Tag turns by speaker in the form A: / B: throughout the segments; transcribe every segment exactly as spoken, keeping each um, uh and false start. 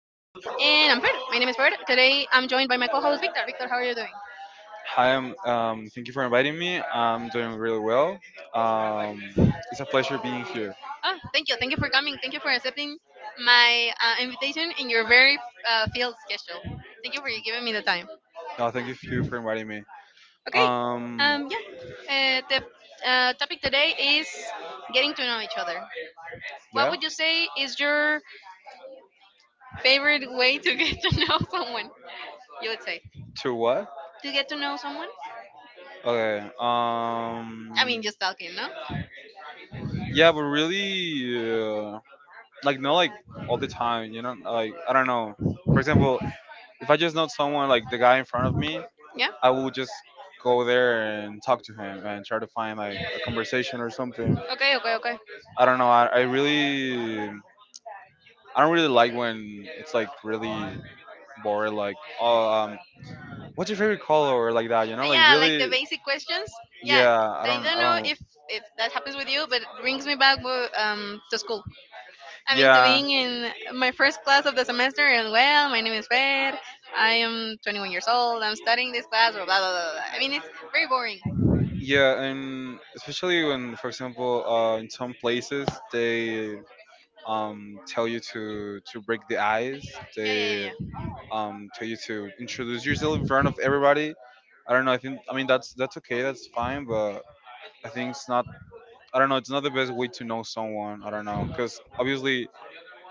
A: And I'm Fer. My name is Fer. Today I'm joined by my co host, Victor. Victor, how are you doing?
B: Hi, um, um, thank you for inviting me. I'm doing really well. Um, it's a pleasure being here.
A: Oh, thank you. Thank you for coming. Thank you for accepting my uh, invitation in your very uh, field schedule. Thank you for giving me the time.
B: No, thank you you for inviting me.
A: Okay.
B: Um,
A: Um, yeah. Uh, the uh, topic today is getting to know each other. What
B: yeah.
A: would you say is your favorite way to get to know someone? You would say
B: To what?
A: to get to know someone.
B: Okay. Um,
A: I mean, just talking, no?
B: yeah, but really, uh, like not like all the time, you know. Like I don't know. For example, if I just know someone like the guy in front of me,
A: Yeah.
B: I will just go there and talk to him and try to find like a conversation or something.
A: Okay. Okay. Okay.
B: I don't know. I, I really I don't really like when it's like really boring. Like, oh, um, what's your favorite color or like that? You know,
A: Uh,
B: like
A: yeah, like the
B: really.
A: basic questions. Yeah,
B: Yeah, I
A: I
B: don't.
A: don't
B: I
A: know
B: don't.
A: if if that happens with you, but it brings me back wo- um to school. I mean, to
B: Yeah.
A: being in my first class of the semester, and well, my name is Fer. I am twenty one years old. I'm studying this class. Blah blah blah, blah, blah. I mean, it's very boring.
B: Yeah, and especially when, for example, uh, in some places they um, tell you to to break the ice.
A: Yeah, yeah,
B: They
A: yeah, yeah.
B: um, tell you to introduce yourself in front of everybody. I don't know. I think, I mean, that's that's okay. That's fine. But I think it's not. I don't know. It's not the best way to know someone. I don't know, because obviously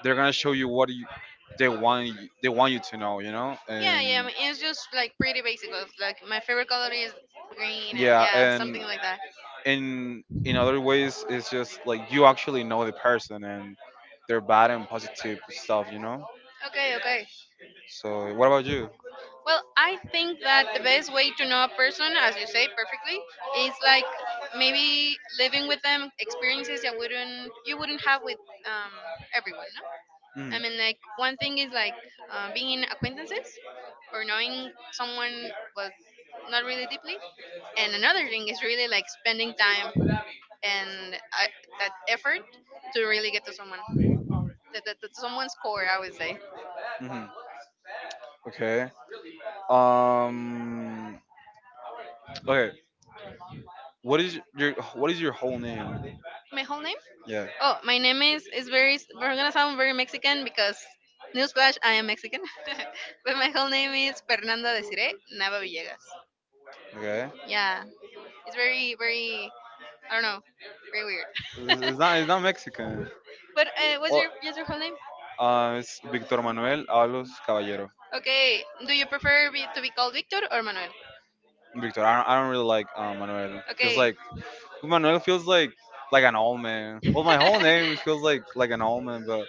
B: they're gonna show you what you they want you, they want you to know. You know
A: Yeah, yeah. I
B: and
A: mean, it's just like pretty basic of, like my favorite color is green, and
B: yeah,
A: yeah,
B: and
A: something like that.
B: in in other ways it's just like you actually know the person and their bad and positive stuff you know
A: Okay. Okay.
B: So what about you?
A: Well, I think that the best way to know a person, as you say perfectly, is like maybe living with them experiences that wouldn't you wouldn't have with um, everyone. No?
B: mm.
A: I mean, like one thing is like uh, being in acquaintances or knowing someone but not really deeply, and another thing is really like spending time and uh, that effort to really get to someone, to, to, to someone's core. I would say.
B: hmm okay. um okay, what is your what is your whole name?
A: My whole name.
B: Yeah.
A: Oh, my name is is very. We're gonna sound very Mexican because newsflash, I am Mexican. But my whole name is Fernanda Desiree Nava Villegas.
B: Okay.
A: Yeah, it's very very. I don't know, very weird.
B: It's it's not. It's not Mexican.
A: but uh, what's
B: Well,
A: your what's your whole name?
B: uh, it's Victor Manuel Avalos Caballero.
A: Okay. Do you prefer be, to be called Victor or Manuel?
B: Victor. I don't. I don't really like, uh, Manuel. Feels
A: Okay.
B: like. Manuel feels like like an old man. Well, my whole name feels like like an old man, but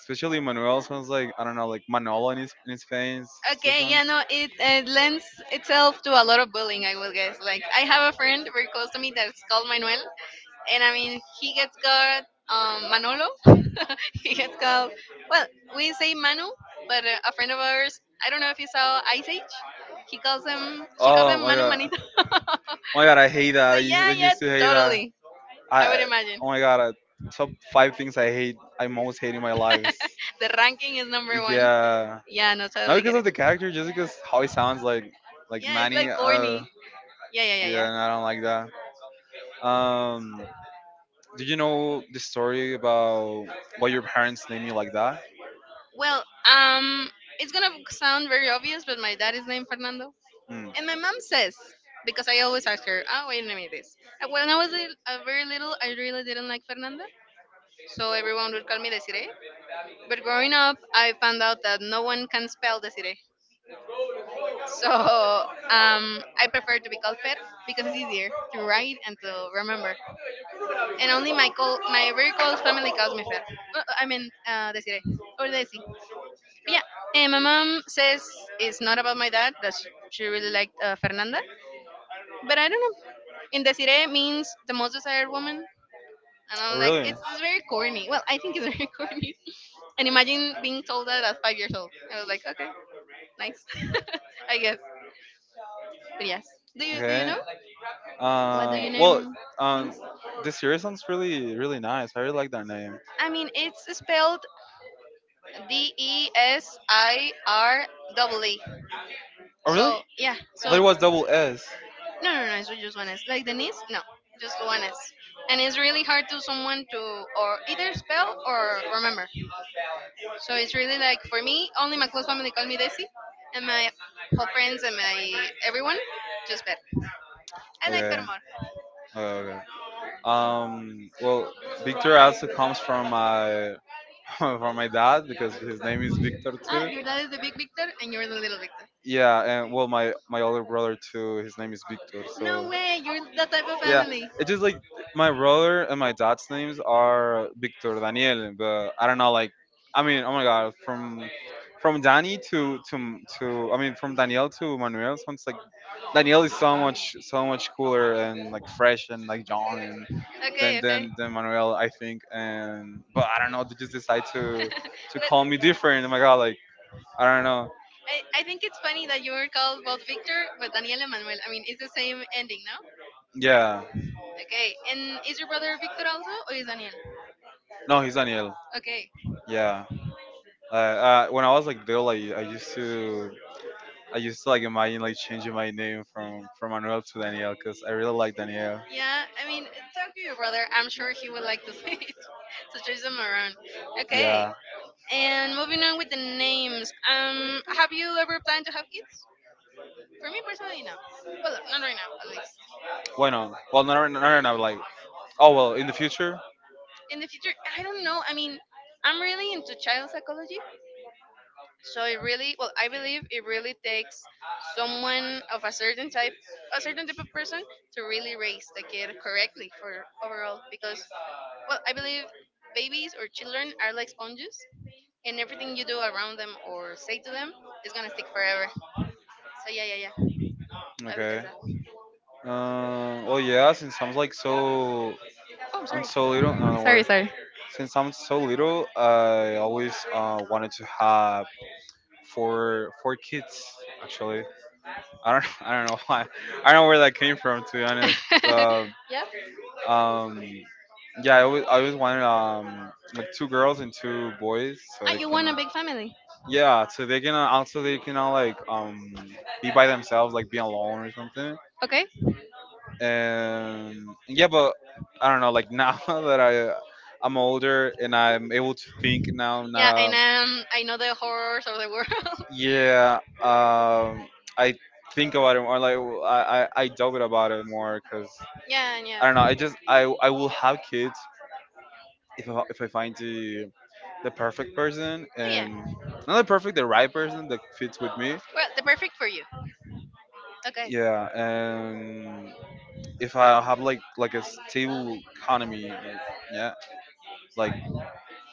B: especially Manuel sounds like, I don't know, like Manolo in his in his face.
A: Okay. Yeah. No. It uh, lends itself to a lot of bullying. I will guess. Like I have a friend very close to me that's called Manuel, and I mean he gets called um, Manolo. He gets called, well, we say Manu, but uh, a friend of ours, I don't know if you saw Ice Age, he calls him she calls
B: Oh
A: him
B: my
A: Manu
B: god.
A: Manito. So,
B: Oh my god, I hate that. I used,
A: yeah,
B: I
A: yeah,
B: used to hate that.
A: totally. I would
B: I
A: imagine.
B: Oh my god, uh, top five things I hate, I most hate in my life.
A: The ranking is number one.
B: Yeah,
A: Yeah, no,
B: not
A: totally
B: because
A: get
B: of
A: it.
B: the character, just because how he sounds like, like
A: Yeah, it's
B: Manny.
A: like
B: Uh,
A: corny. Yeah, yeah, yeah,
B: yeah,
A: yeah.
B: and I don't like that. Um, do you know the story about why your parents name you like that?
A: Well, um, it's gonna sound very obvious, but my dad is named Fernando.
B: Mm.
A: And my mom says, because I always ask her, oh, wait a minute, this. And When I was a, a very little, I really didn't like Fernanda. So everyone would call me Desiree. But growing up, I found out that no one can spell Desiree. So um, I prefer to be called Fer because it's easier to write and to remember. And only my call, my very close family calls me Fer. Uh, uh, I mean, uh, Desiree or Desi. But yeah, and my mom says it's not about my dad, that she she really liked uh, Fernanda. But I don't know. Indesiree means the most desired woman. And
B: Oh,
A: I'm like,
B: really?
A: it's, it's very corny. Well, I think it's very corny. And imagine being told that at five years old. I was like, okay, nice. I guess. But yes. Do you do you
B: Okay.
A: know? What do
B: Uh,
A: you
B: well,
A: name
B: um,
A: means?
B: the series sounds really, really nice. I really like that name.
A: I mean it's spelled D E S I R E.
B: Oh, really?
A: So yeah. So,
B: That was double S.
A: no, no, no, it's just one S. Like Denise? No. Just one S. And it's really hard to someone to or either spell or remember. So it's really like for me, only my close family call me Desi, and my whole friends and my everyone just Bet. I like Fer
B: Okay.
A: more.
B: Okay. Okay. Um. Well, Victor also comes from my from my dad, because his name is Victor
A: Ah,
B: too.
A: your dad is the big Victor and you're the little Victor.
B: Yeah, and well, my my older brother too. His name is Victor.
A: No
B: So
A: way, you're that type of
B: yeah,
A: family.
B: it's just like my brother and my dad's names are Victor Daniel, but I don't know. Like, I mean, oh my god, from from Danny to to to I mean, from Daniel to Manuel sounds like, Daniel is so much so much cooler and like fresh and like young and
A: Okay,
B: than
A: okay.
B: than than Manuel, I think. And but I don't know. They just decide to to
A: But
B: call me different. Oh my god, like, I don't know.
A: I, I think it's funny that you were called both Victor but Daniel and Manuel. I mean, it's the same ending, no?
B: Yeah,
A: Okay. And is your brother Victor also, or is Daniel?
B: no, he's Daniel.
A: Okay.
B: Yeah. Uh, uh, when I was like little, I, I used to I used to like imagine like changing my name from from Manuel to Daniel, because I really like Daniel.
A: Yeah. I mean, talk to your brother. I'm sure he would like to see it. So chase him around. Okay.
B: Yeah.
A: And moving on with the names. Um, have you ever planned to have kids? For me personally, no. But look, not right now, at least.
B: Why not? Well, no, no, no, no, no, like, oh, well, in the future.
A: In the future, I don't know. I mean, I'm really into child psychology. So it really, well, I believe it really takes someone of a certain type, a certain type of person to really raise the kid correctly for overall. Because, well, I believe babies or children are like sponges, and everything you do around them or say to them is gonna stick forever. So yeah, yeah, yeah. I would guess
B: Okay.
A: that.
B: Um. Well, yeah. Since I'm like so,
A: Oh, I'm
B: I'm
A: sorry.
B: so little. No, don't
A: Sorry,
B: worry.
A: sorry.
B: Since I'm so little, I always uh, wanted to have four four kids, actually. I don't I don't know why. I don't know where that came from, to be honest. Uh,
A: Yeah.
B: um, yeah, I always I always wanted, um like, two girls and two boys so
A: Ah,
B: they
A: you want a
B: can,
A: big family?
B: yeah, so they can, uh, also they can all like, um be by themselves, like be alone or something.
A: Okay.
B: And yeah, but I don't know, like now, that I I'm older and I'm able to think now, not
A: Yeah,
B: a.
A: and um, I know the horrors of the world.
B: Yeah, um I think about it more, like, I I, I doubt about it more, because
A: Yeah, and
B: I
A: yeah.
B: don't know. I just I I will have kids if I, if I find the the perfect person,
A: Oh, yeah.
B: and not the perfect, the right person that fits with me.
A: Well, the perfect for you. Okay.
B: Yeah, and if I have like, like a stable economy, like, yeah, like,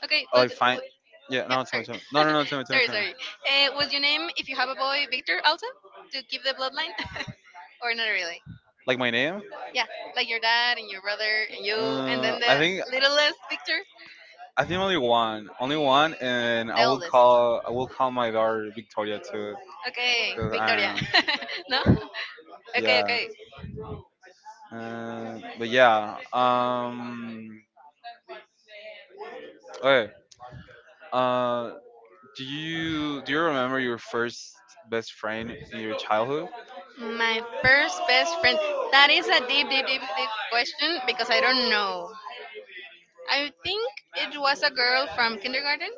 A: Okay,
B: I
A: but
B: like find.
A: w-
B: Yeah,
A: yeah,
B: no, tell me,
A: sorry.
B: tell me. No, no, no, tell me, tell me,
A: Sorry,
B: tell me.
A: sorry. Uh, was your name, if you have a boy, Victor also? To keep the bloodline? Or not really?
B: Like my name?
A: Yeah, like your dad and your brother and you, and
B: Uh,
A: then the
B: I think,
A: littlest Victor,
B: I think only one, only one, and I
A: the
B: will
A: oldest.
B: call I will call my daughter Victoria too.
A: Okay,
B: 'Cause I
A: Victoria.
B: don't know.
A: No? Okay,
B: Yeah.
A: okay.
B: Uh, but yeah. Um. Okay. Uh. Do you do you remember your first best friend in your childhood?
A: My first best friend. That is a deep, deep, deep, deep question because I don't know. I think it was a girl from kindergarten,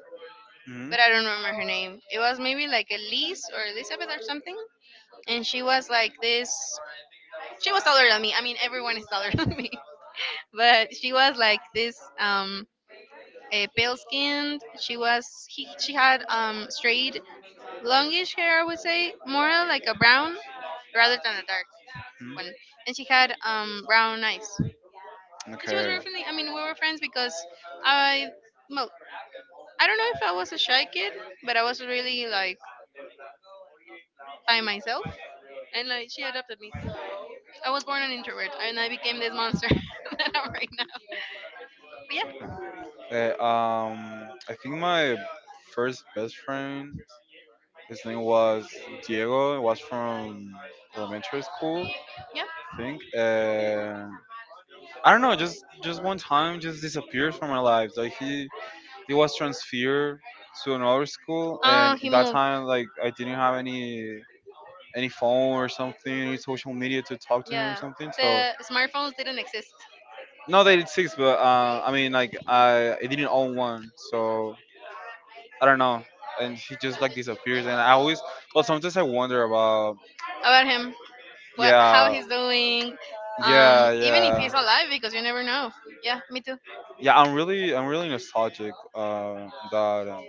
B: hmm
A: but I don't remember her name. It was maybe like Elise or Elizabeth or something. And she was like this. She was taller than me. I mean, everyone is taller than me. But she was like this um, eh, pale skinned. She was, he, she had um, straight, longish hair, I would say, more like a brown rather than a dark
B: hmm
A: one. And she had um, brown eyes. And she was
B: Okay.
A: very friendly. I mean, we were friends because I, well, I don't know if I was a shy kid, but I was really like by myself, and like she adopted me. I was born an introvert, and I became this monster that I'm right now. But yeah,
B: Uh, um, I think my first best friend, his name was Diego. It was from elementary school,
A: yeah.
B: I think. Uh, I don't know, just just one time, just disappeared from my life. Like, he he was transferred to another school,
A: Oh,
B: and in
A: he
B: that
A: moved.
B: time, like, I didn't have any any phone or something, any social media to talk to him or
A: Yeah,
B: something. So,
A: the smartphones didn't exist.
B: not that it exists, but, uh, I mean, like, I, I didn't own one. So I don't know, and she just like disappears. And I always, well, sometimes I wonder about,
A: About him, what, how
B: yeah,
A: he's doing. Um,
B: yeah,
A: even if
B: yeah,
A: he's alive, because you never know. Yeah, me too.
B: yeah. I'm really, I'm really nostalgic. Uh, that, um,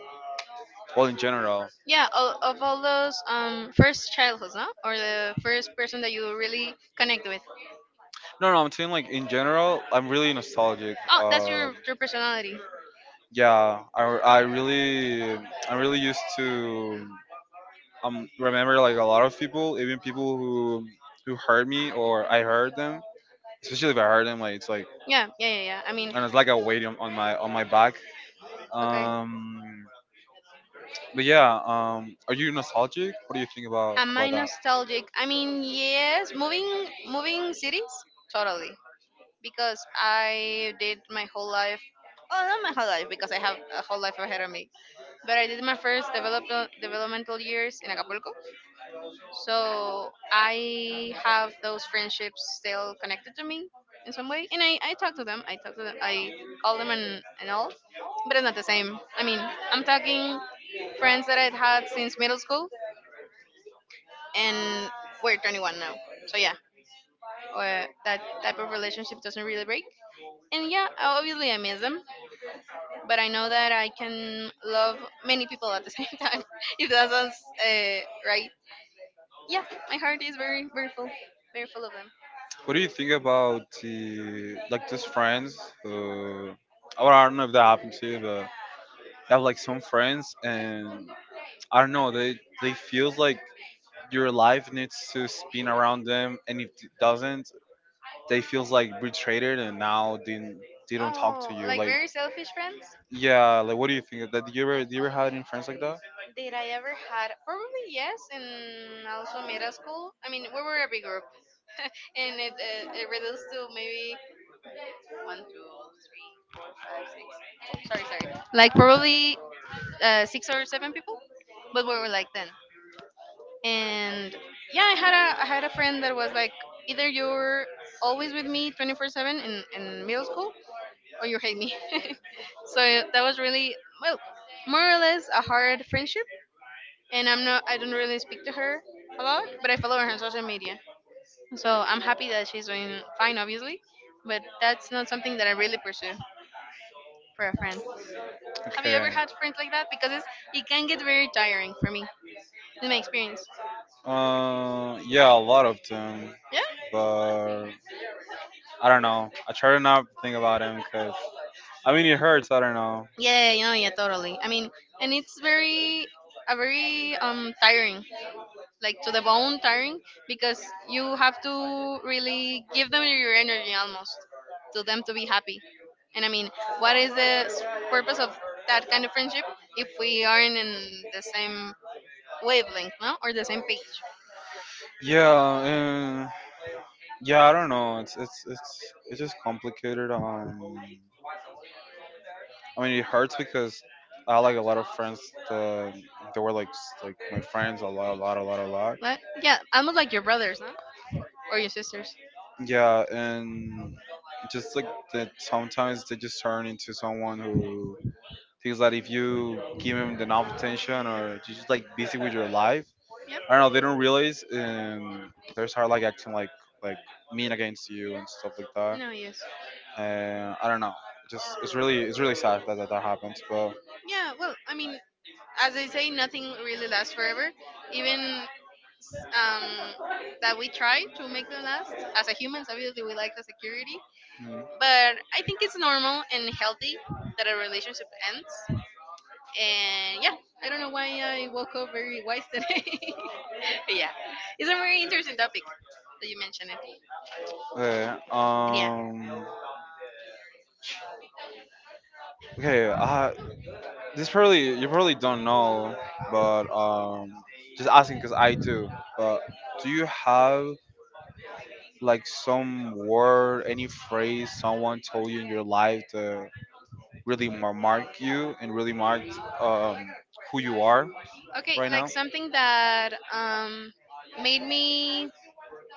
B: well, in general,
A: Yeah, all, of all those um, first childhoods, no? Or the first person that you really connect with.
B: no, no, I'm saying like, in general, I'm really nostalgic.
A: Oh, that's
B: Um,
A: your your personality.
B: yeah, I, I really, I really used to, um, remember like a lot of people, even people who, who hurt me or I hurt them. Especially if I hurt them, like, it's like,
A: Yeah, yeah, yeah, yeah. I mean,
B: and it's like a weight on, on my on my back.
A: okay.
B: Um, but yeah, um, are you nostalgic? What do you think about
A: Am I
B: about that?
A: nostalgic? I mean, yes. Moving moving cities, totally. Because I did my whole life. Oh, not my whole life because I have a whole life ahead of me. But I did my first develop, developmental years in Acapulco. So I have those friendships still connected to me in some way, and I, I talk to them. I talk to them. I call them and and all, but it's not the same. I mean, I'm talking friends that I'd had since middle school, and we're twenty one now. So yeah, uh, that type of relationship doesn't really break. And yeah, obviously I miss them, but I know that I can love many people at the same time. If that sounds uh, right, yeah, my heart is very very full, very full of them.
B: What do you think about, the like, these friends who? Well, I don't know if that happened to you, but I have like some friends, and I don't know. They they feels like your life needs to spin around them, and if it doesn't, they feels like betrayed, and now didn't, they don't talk to
A: Oh,
B: you,
A: like
B: like,
A: very selfish friends?
B: yeah, like, what do you think of that? Do you ever, do you ever had any friends like that?
A: Did I ever had? Probably yes, and also middle school. I mean, we were a big group, and it it, it reduced to maybe one, two, three, four, five, six. Oh, sorry, sorry. Like probably uh, six or seven people, but we were like ten. And yeah, I had a I had a friend that was like either you're always with me twenty four seven in in middle school, or you hate me. So, yeah, that was really, well, more or less a hard friendship. And I'm not, I don't really speak to her a lot, but I follow her on social media. So I'm happy that she's doing fine, obviously, but that's not something that I really pursue for a friend. Have you ever
B: Okay.
A: had friends like that? Because it's, it can get very tiring for me, in my experience.
B: Uh yeah, a lot of them,
A: Yeah.
B: but I don't know, I try to not think about them, because, I mean, it hurts, I don't know.
A: Yeah, you know, yeah, totally. I mean, and it's very, a very um tiring, like to the bone tiring, because you have to really give them your energy almost to them to be happy. And I mean, what is the s- purpose of that kind of friendship if we aren't in the same wavelength, no, or the same page?
B: Yeah. Uh, yeah, I don't know, it's it's it's it's just complicated. um I mean, it hurts because I had, like, a lot of friends that they were like, s- like my friends a lot, a lot, a lot, a lot.
A: But yeah, almost like your brothers, no, or your sisters.
B: Yeah, and just like that, sometimes they just turn into someone who thinks that if you give them enough attention or you're just like busy with your life,
A: Yeah.
B: I don't know, they don't realize, and they start like acting like, like mean against you and stuff like that.
A: No, yes.
B: And I don't know, just, it's really it's really sad that that, that happens, but.
A: Yeah, well, I mean, as they say, nothing really lasts forever. Even, um, that we try to make them last as a humans, obviously we like the security.
B: mm,
A: But I think it's normal and healthy that a relationship ends. And yeah, I don't know why I woke up very wise today. Yeah, it's a very interesting topic that you mentioned it.
B: Yeah,
A: Yeah.
B: um, okay, uh, this probably, you probably don't know, but um, just asking because I do. But do you have like some word, any phrase someone told you in your life to really mar- mark you and really marked, um, who you are
A: Okay,
B: right
A: like
B: now?
A: something that um made me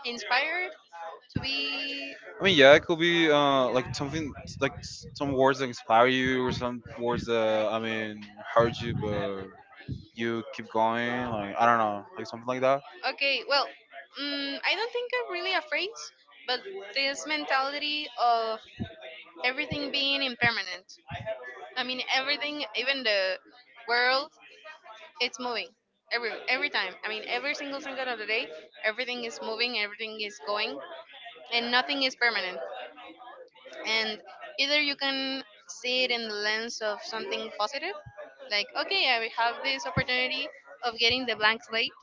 A: inspired to be.
B: I mean, yeah, it could be, uh, like something like, s- some words that inspire you or some words that, I mean, hurt you, but you keep going. Like, I don't know, like something like that.
A: Okay. Well, mm, I don't think I'm really afraid, but this mentality of everything being impermanent. I mean, everything, even the world, it's moving every every time. I mean, every single second of the day, everything is moving, everything is going, and nothing is permanent. And either you can see it in the lens of something positive, like okay, I have this opportunity of getting the blank slate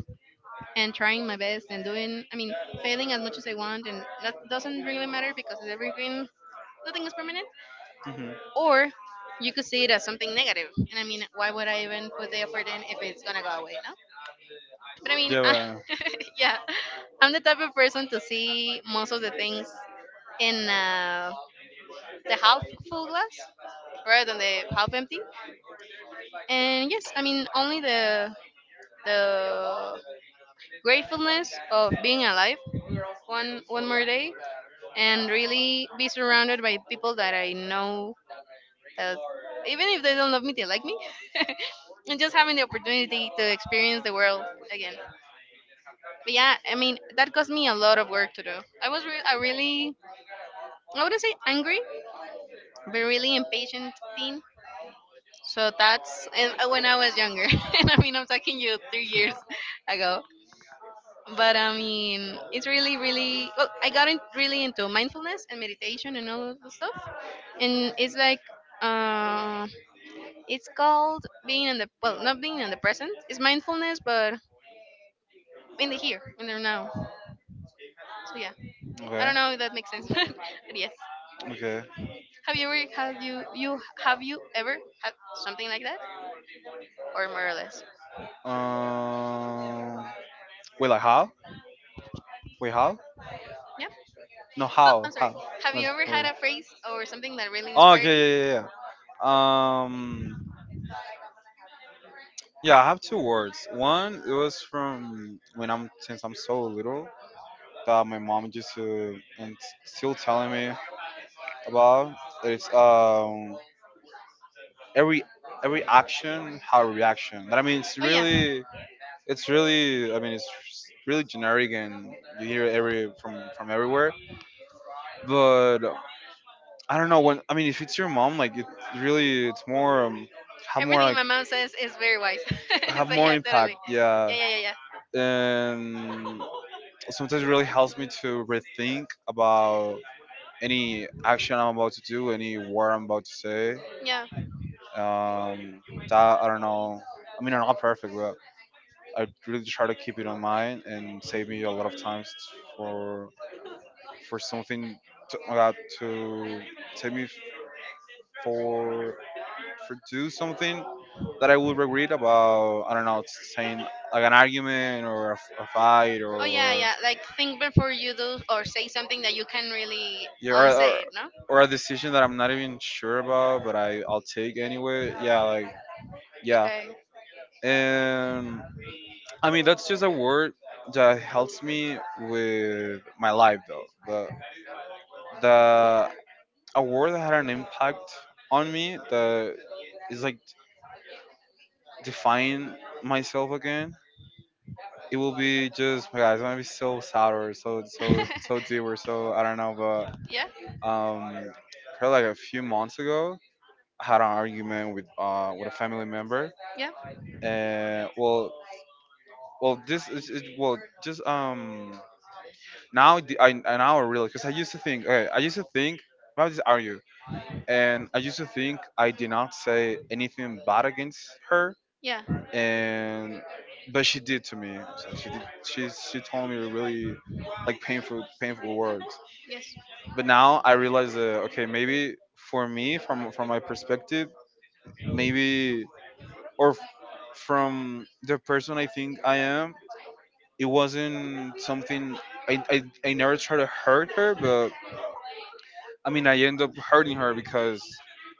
A: and trying my best and doing, I mean, failing as much as I want, and that doesn't really matter because everything, nothing is permanent.
B: hmm
A: Or you could see it as something negative and, I mean, why would I even put the effort in if it's gonna go away, no? But I mean, I,
B: Yeah,
A: yeah, I'm the
B: but,
A: type of person to see most of the things in uh, the half full glass rather than the half empty. And yes, I mean, only the the gratefulness of being alive one one more day and really be surrounded by people that I know that, even if they don't love me, they like me. And just having the opportunity to experience the world again. But yeah, I mean, that cost me a lot of work to do. I was re- a really, I wouldn't say angry, but really impatient teen. So that's, and uh, when I was younger, and I mean, I'm talking you three years ago. But I mean, it's really, really, well, I got in, really into mindfulness and meditation and all of the stuff, and it's like uh, it's called being in the, well, not being in the present. It's mindfulness, but in the here, in the now. So yeah, I
B: okay,
A: don't know if that makes sense, but yes.
B: okay.
A: Have you ever have you you have you ever had something like that, or more or less?
B: Um, wait, like, how? Wait, how?
A: Yeah.
B: No,
A: Oh,
B: how?
A: I'm sorry.
B: How?
A: Have you
B: That's
A: ever had
B: weird.
A: a phrase or something that really
B: Oh, okay,
A: inspired you?
B: yeah, yeah, yeah, yeah. Um, yeah, I have two words. One, it was from when I'm since I'm so little that my mom used to, and still telling me about. It's um every every action had a reaction. That, I mean, it's
A: Oh yeah.
B: really it's really I mean it's really generic, and you hear it every from from everywhere. But I don't know, when, I mean, if it's your mom, like, it really, it's more, um, have more,
A: Everything
B: like,
A: my mom says is very wise.
B: have
A: So
B: more
A: yeah,
B: impact.
A: totally. Yeah,
B: Yeah,
A: yeah, yeah, yeah.
B: and sometimes it really helps me to rethink about any action I'm about to do, any word I'm about to say.
A: Yeah.
B: Um, that, I don't know. I mean, I'm not perfect, but. I really try to keep it on mind and save me a lot of times for for something to, uh, to save me for for do something that I would regret about, I don't know, saying, like, an argument or a, f- a fight
A: Oh yeah,
B: or,
A: yeah. Like think before you do or say something that you can really
B: yeah, or, or
A: unsay it, no?
B: or a decision that I'm not even sure about, but I I'll take anyway, yeah, like, yeah,
A: Okay.
B: and, I mean, that's just a word that helps me with my life though. But the, a word that had an impact on me, that is like, define myself again. It will be just, my God, it's gonna be so sad or so so so deep or so, I don't know, but
A: Yeah, yeah,
B: um, probably like a few months ago, I had an argument with uh with a family member,
A: yeah.
B: and well well this is it. Well just um now the, I I now realize, because I used to think, okay, I used to think why would this argue, and I used to think I did not say anything bad against her. And but she did to me. So she did. She she told me really, like, painful painful words.
A: Yes.
B: But now I realize that, okay, maybe for me, from from my perspective, maybe or f- from the person I think I am, it wasn't something. I, I, I never try to hurt her, but I mean, I end up hurting her because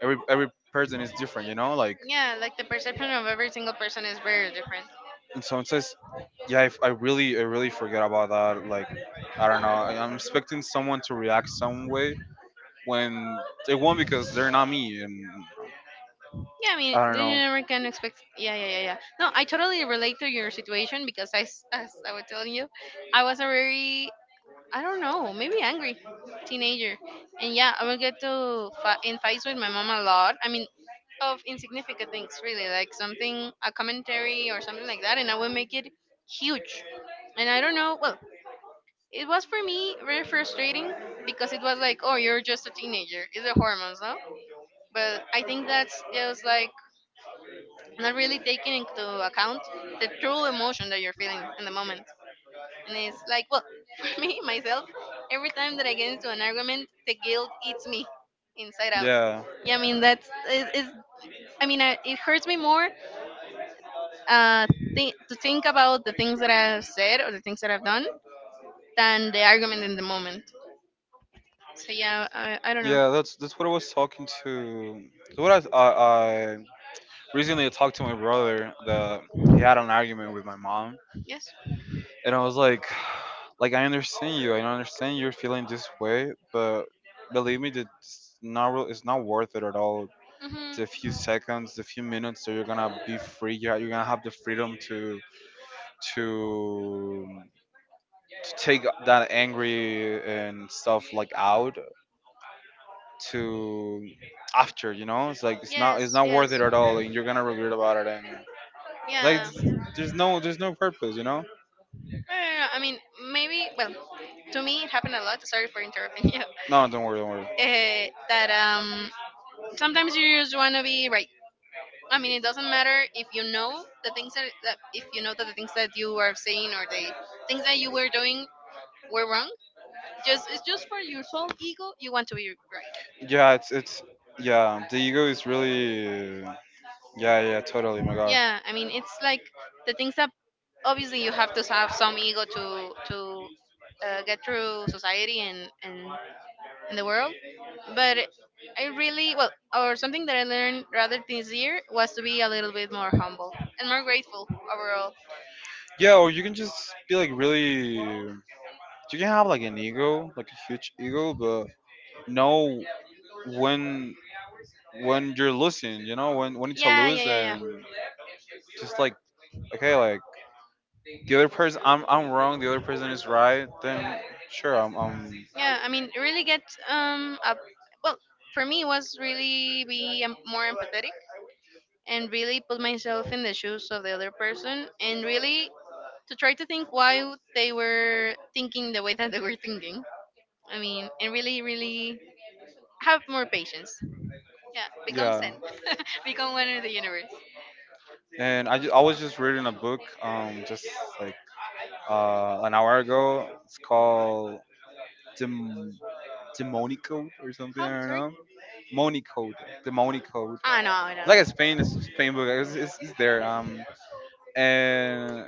B: every every person is different, you know. Like,
A: Yeah, like the perception of every single person is very different.
B: and someone says, "Yeah, I, f- I really, I really forget about that." Like, I don't know. I- I'm expecting someone to react some way when they won't, because they're not me. And
A: Yeah, I mean,
B: I don't
A: you
B: know.
A: never can expect. Yeah, yeah, yeah, yeah. No, I totally relate to your situation because I, s- as I was telling you, I was a very, I don't know, maybe angry teenager. And yeah, I will get to fi- in fights with my mom a lot. I mean, of insignificant things, really, like something, a commentary or something like that, and I will make it huge. And I don't know, well, it was for me very frustrating because it was like, oh, you're just a teenager. It's the hormones, no? But I think that's just like not really taking into account the true emotion that you're feeling in the moment. And it's like, well, for me, myself, every time that I get into an argument, the guilt eats me inside out.
B: Yeah.
A: Yeah, I mean, that's, it, it's, I mean, I, it hurts me more uh, th- to think about the things that I've said or the things that I've done than the argument in the moment. So, yeah, I, I don't know.
B: Yeah, that's that's what I was talking to. so what I, I, I recently, I talked to my brother, that he had an argument with my mom,
A: Yes.
B: and I was like, like, I understand you, I understand you're feeling this way, but believe me, that it's not real- it's not worth it at all.
A: Hmm.
B: The few seconds, the few minutes that you're gonna be free, you're, you're gonna have the freedom to to to take that angry and stuff, like, out to. After, you know, it's like it's not, it's
A: Yes,
B: not worth it
A: yes.
B: at all, and you're gonna regret about it. And like
A: Yeah.
B: th-
A: No,
B: there's no there's no purpose, you know.
A: no, no, I mean, maybe, well, to me, it happened a lot. Sorry for interrupting you.
B: No, don't worry, don't worry.
A: Uh, that um, sometimes you just want to be right. I mean, it doesn't matter if you know the things that, that if you know that the things that you are saying or the things that you were doing were wrong. Just it's just for your sole ego, you want to be right.
B: Yeah, it's it's yeah, the ego is really, yeah, yeah, totally, my God.
A: Yeah, I mean, it's like the things that, obviously, you have to have some ego to to uh, get through society and and and the world, but I really, well, or something that I learned rather this year was to be a little bit more humble and more grateful overall.
B: Yeah, or you can just be like, really, you can have like an ego, like a huge ego, but know when when you're losing, you know, when when it's a
A: Yeah, yeah,
B: lose.
A: yeah, yeah,
B: And just like, okay, like the other person, I'm I'm wrong, the other person is right, then sure, I'm I'm
A: yeah. I mean, really get um up, well, for me, it was really be em- more empathetic and really put myself in the shoes of the other person and really to try to think why would they were thinking the way that they were thinking. I mean, and really, really have more patience. Yeah, become
B: Yeah.
A: zen. Become one with the universe.
B: And I ju- I was just reading a book, um just like uh an hour ago. It's called Dem- Demonicode or something.
A: How,
B: I don't
A: sorry?
B: know. Monicode, Demonicode.
A: Ah, no, I
B: It's like a Spain, it's
A: don't.
B: a Spain book. It's, it's, it's there. Um, and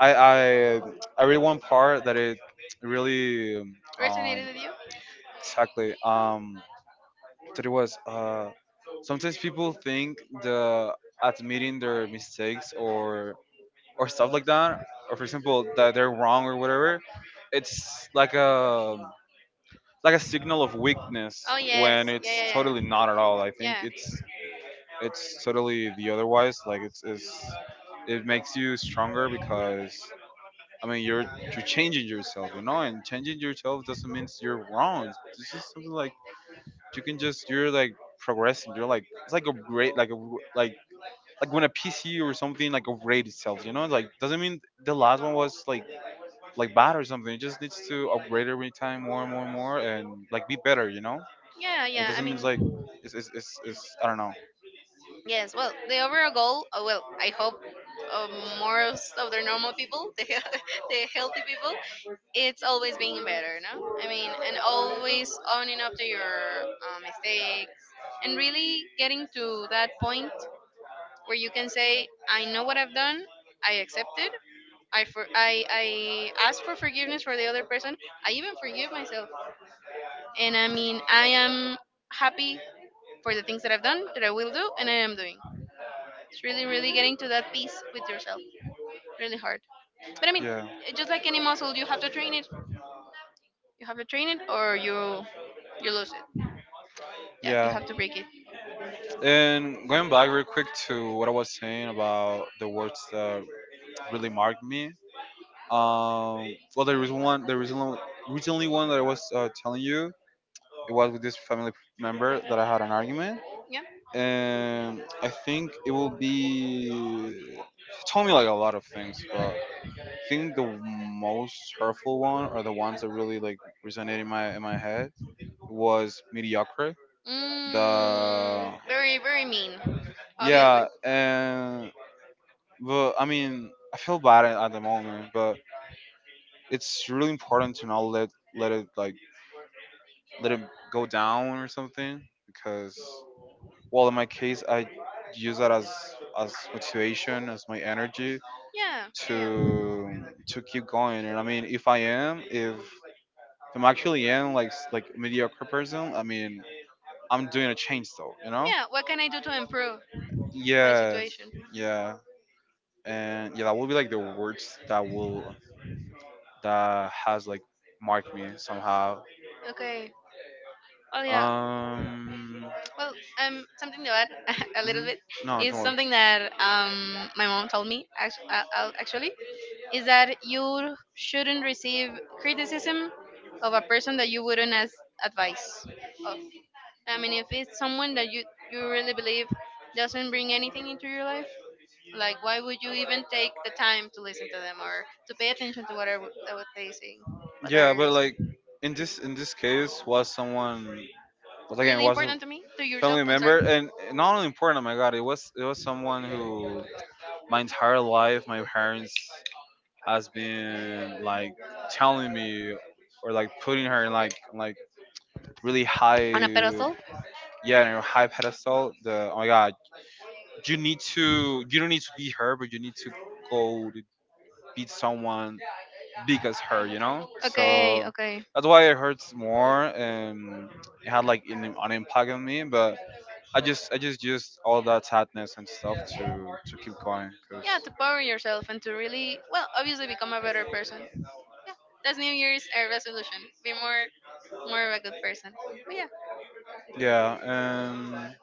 B: I I I read one part that it really,
A: Resonated
B: um
A: with you?
B: exactly, um there was, uh, sometimes people think the admitting their mistakes or or stuff like that, or for example, that they're wrong or whatever, it's like a, like a signal of weakness,
A: Oh yes,
B: when
A: yeah,
B: it's
A: yeah,
B: totally
A: yeah, yeah.
B: not at all. I think
A: Yeah.
B: it's it's totally the otherwise. Like, it's, it's it makes you stronger, because I mean, you're you're changing yourself, you know, and changing yourself doesn't mean you're wrong. It's just something like, you can just, you're like progressing. You're like, it's like a great, like a w- like like when a P C or something like upgrade itself. You know, like, doesn't mean the last one was like like bad or something. It just needs to upgrade every time more and more and more, and like be better. You know,
A: Yeah,
B: it
A: yeah. I
B: doesn't mean
A: mean,
B: like, it's it's it's, it's I don't know.
A: yes. Well, the overall goal. uh, Well, I hope uh, more of s- of the normal people, the the healthy people, it's always being better, no? I mean, and always owning up to your uh, mistakes and really getting to that point where you can say, I know what I've done, I accept it, I, for- I, I ask for forgiveness for the other person, I even forgive myself. And I mean, I am happy for the things that I've done, that I will do, and I am doing. It's really, really getting to that peace with yourself. Really hard. But I mean,
B: Yeah.
A: just like any muscle, you have to train it. You have to train it, or you you lose it. Yeah, you
B: Yeah,
A: have to break it.
B: and going back real quick to what I was saying about the words that really marked me. Um, well, there was one. There was one- recently, one that I was, uh, telling you. It was with this family member that I had an argument,
A: Yeah.
B: and I think it will be. He told me like a lot of things, but I think the most hurtful one, or the ones that really, like, resonated in my in my head, was mediocre.
A: Mm,
B: The,
A: very, very mean, obviously.
B: yeah, and, but I mean, I feel bad at at the moment, but it's really important to not let, let it like let it go down or something, because well, in my case, I use that as as motivation, as my energy,
A: Yeah, yeah, yeah.
B: to to keep going. And I mean, if I am, if, if I'm actually am like s- like mediocre person, I mean, I'm doing a change, though, you know.
A: Yeah, what can I do to improve my
B: Yes.
A: situation?
B: Yeah, and yeah, that will be like the words that will, that has like marked me somehow.
A: Okay. Oh yeah.
B: Um,
A: Well, um, something to add a little
B: mhm.
A: bit
B: No,
A: is
B: don't worry.
A: something that um my mom told me actually, uh, uh, actually, is that you shouldn't receive criticism of a person that you wouldn't ask advice of. I mean, if it's someone that you you really believe doesn't bring anything into your life, like, why would you even take the time to listen to them or to pay attention to what are what they saying? What
B: Yeah,
A: are they
B: but like,
A: saying?
B: in this, in this case, was someone, was again
A: Really
B: was a
A: important to me, to yourself.
B: family
A: I'm sorry.
B: member, and not only important. Oh my God, it was, it was someone who my entire life my parents has been like telling me, or like putting her in like like really
A: On a
B: high.
A: pedestal.
B: Yeah, and her high pedestal. The, oh my God, you need to, you don't need to be her, but you need to go, beat someone big as her, you know.
A: Okay,
B: So
A: okay.
B: that's why it hurts more, and it had like an, an impact on me. But I just, I just used all that sadness and stuff to to keep going, cause
A: Yeah, to power yourself and to really, well, obviously become a better person. Yeah, that's New Year's uh, resolution. Be more, more of a good person.
B: yeah. Um, I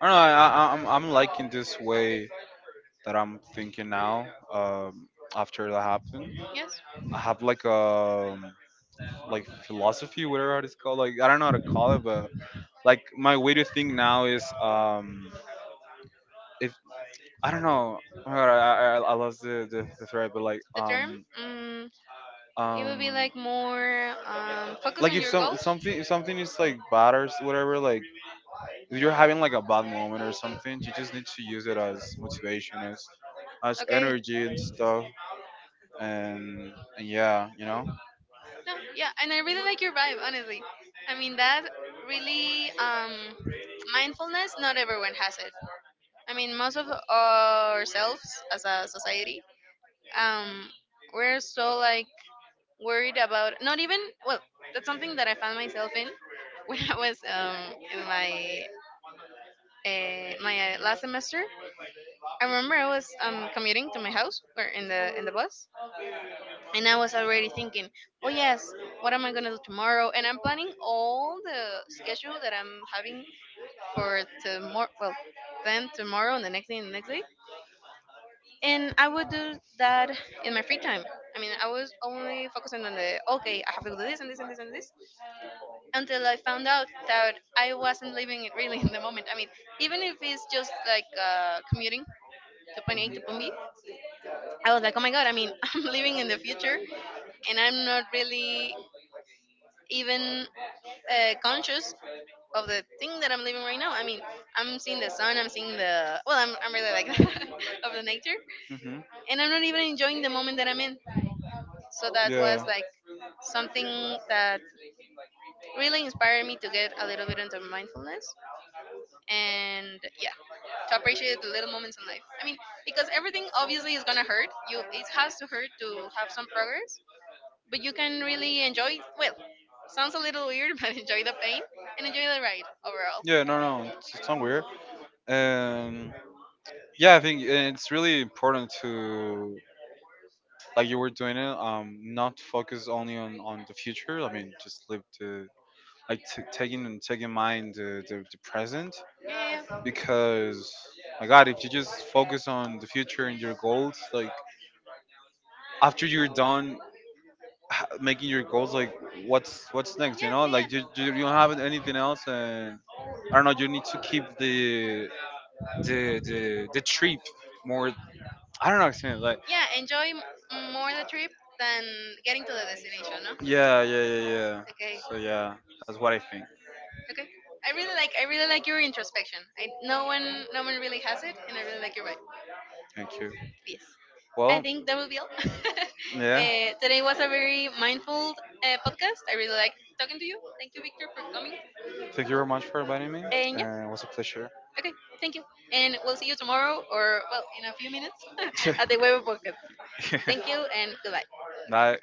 B: don't know. I, I I'm I'm liking this way that I'm thinking now. Um, after that happened,
A: But yeah, yes.
B: I have like a, like philosophy, whatever it's called. Like, I don't know how to call it, but like, my way to think now is, um, if I don't know. Oh my God, I, I, I lost the, the, the thread, but like,
A: The term,
B: um,
A: mm, it would be
B: um,
A: like more um, focus
B: like,
A: on
B: if
A: your
B: some,
A: goals.
B: something, if something is like bad or s- whatever, like if you're having like a bad moment or something, you just need to use it as motivation, as as
A: Okay.
B: energy and stuff, and and yeah, you know.
A: No, yeah, and I really like your vibe, honestly. I mean that really um, mindfulness. Not everyone has it. I mean, most of ourselves as a society, um, we're so like worried about not even, well, that's something that I found myself in when I was um, in my uh, my uh, last semester. I remember I was um, commuting to my house or in the in the bus, and I was already thinking, oh yes, what am I going to do tomorrow? And I'm planning all the schedule that I'm having for tomorrow, well, then tomorrow and the next day and the next day. And I would do that in my free time. I mean, I was only focusing on the, okay, I have to do this and this and this and this, until I found out that I wasn't living it really in the moment. I mean, even if it's just like uh, commuting to point A to point B,
B: Hmm.
A: I was like, oh my god, I mean, I'm living in the future and I'm not really even uh, conscious of the thing that I'm living right now. I mean, I'm seeing the sun, I'm seeing the, well, I'm, I'm really like of the nature
B: Hmm.
A: and I'm not even enjoying the moment that I'm in. So that was
B: Yeah.
A: like something that really inspired me to get a little bit into mindfulness. And yeah, to appreciate the little moments in life. I mean, because everything obviously is gonna hurt. You, it has to hurt to have some progress, but you can really enjoy. Well, sounds a little weird, but enjoy the pain and enjoy the ride overall.
B: Yeah. No. No. It's, it's not weird. And yeah, I think it's really important to, like you were doing it, um not focus only on on the future. I mean, just live the, like t- taking and taking mind the, the, the present,
A: Yeah, yeah,
B: because my God, if you just focus on the future and your goals, like, after you're done h- making your goals, like,
A: yeah.
B: what's what's next, you
A: Yeah,
B: know,
A: yeah, yeah.
B: like you, you you don't have anything else. And I don't know, you need to keep the the the, the trip more, I don't know how to explain it, like.
A: Yeah, enjoy m- more the trip than getting to the destination, no?
B: Yeah, yeah, yeah, yeah.
A: Okay.
B: So yeah, that's what I think.
A: Okay. I really like I really like your introspection. I no one no one really has it, and I really like your vibe.
B: Thank you.
A: Peace. I
B: Well,
A: think that will be all.
B: yeah.
A: Uh, today was a very mindful uh, podcast. I really like talking to you. Thank you, Victor, for coming.
B: Thank you very much for inviting me.
A: And yeah,
B: Uh, it was a pleasure.
A: okay, thank you. And we'll see you tomorrow, or well, in a few minutes, at the Web Podcast. Thank you, and goodbye.
B: Bye.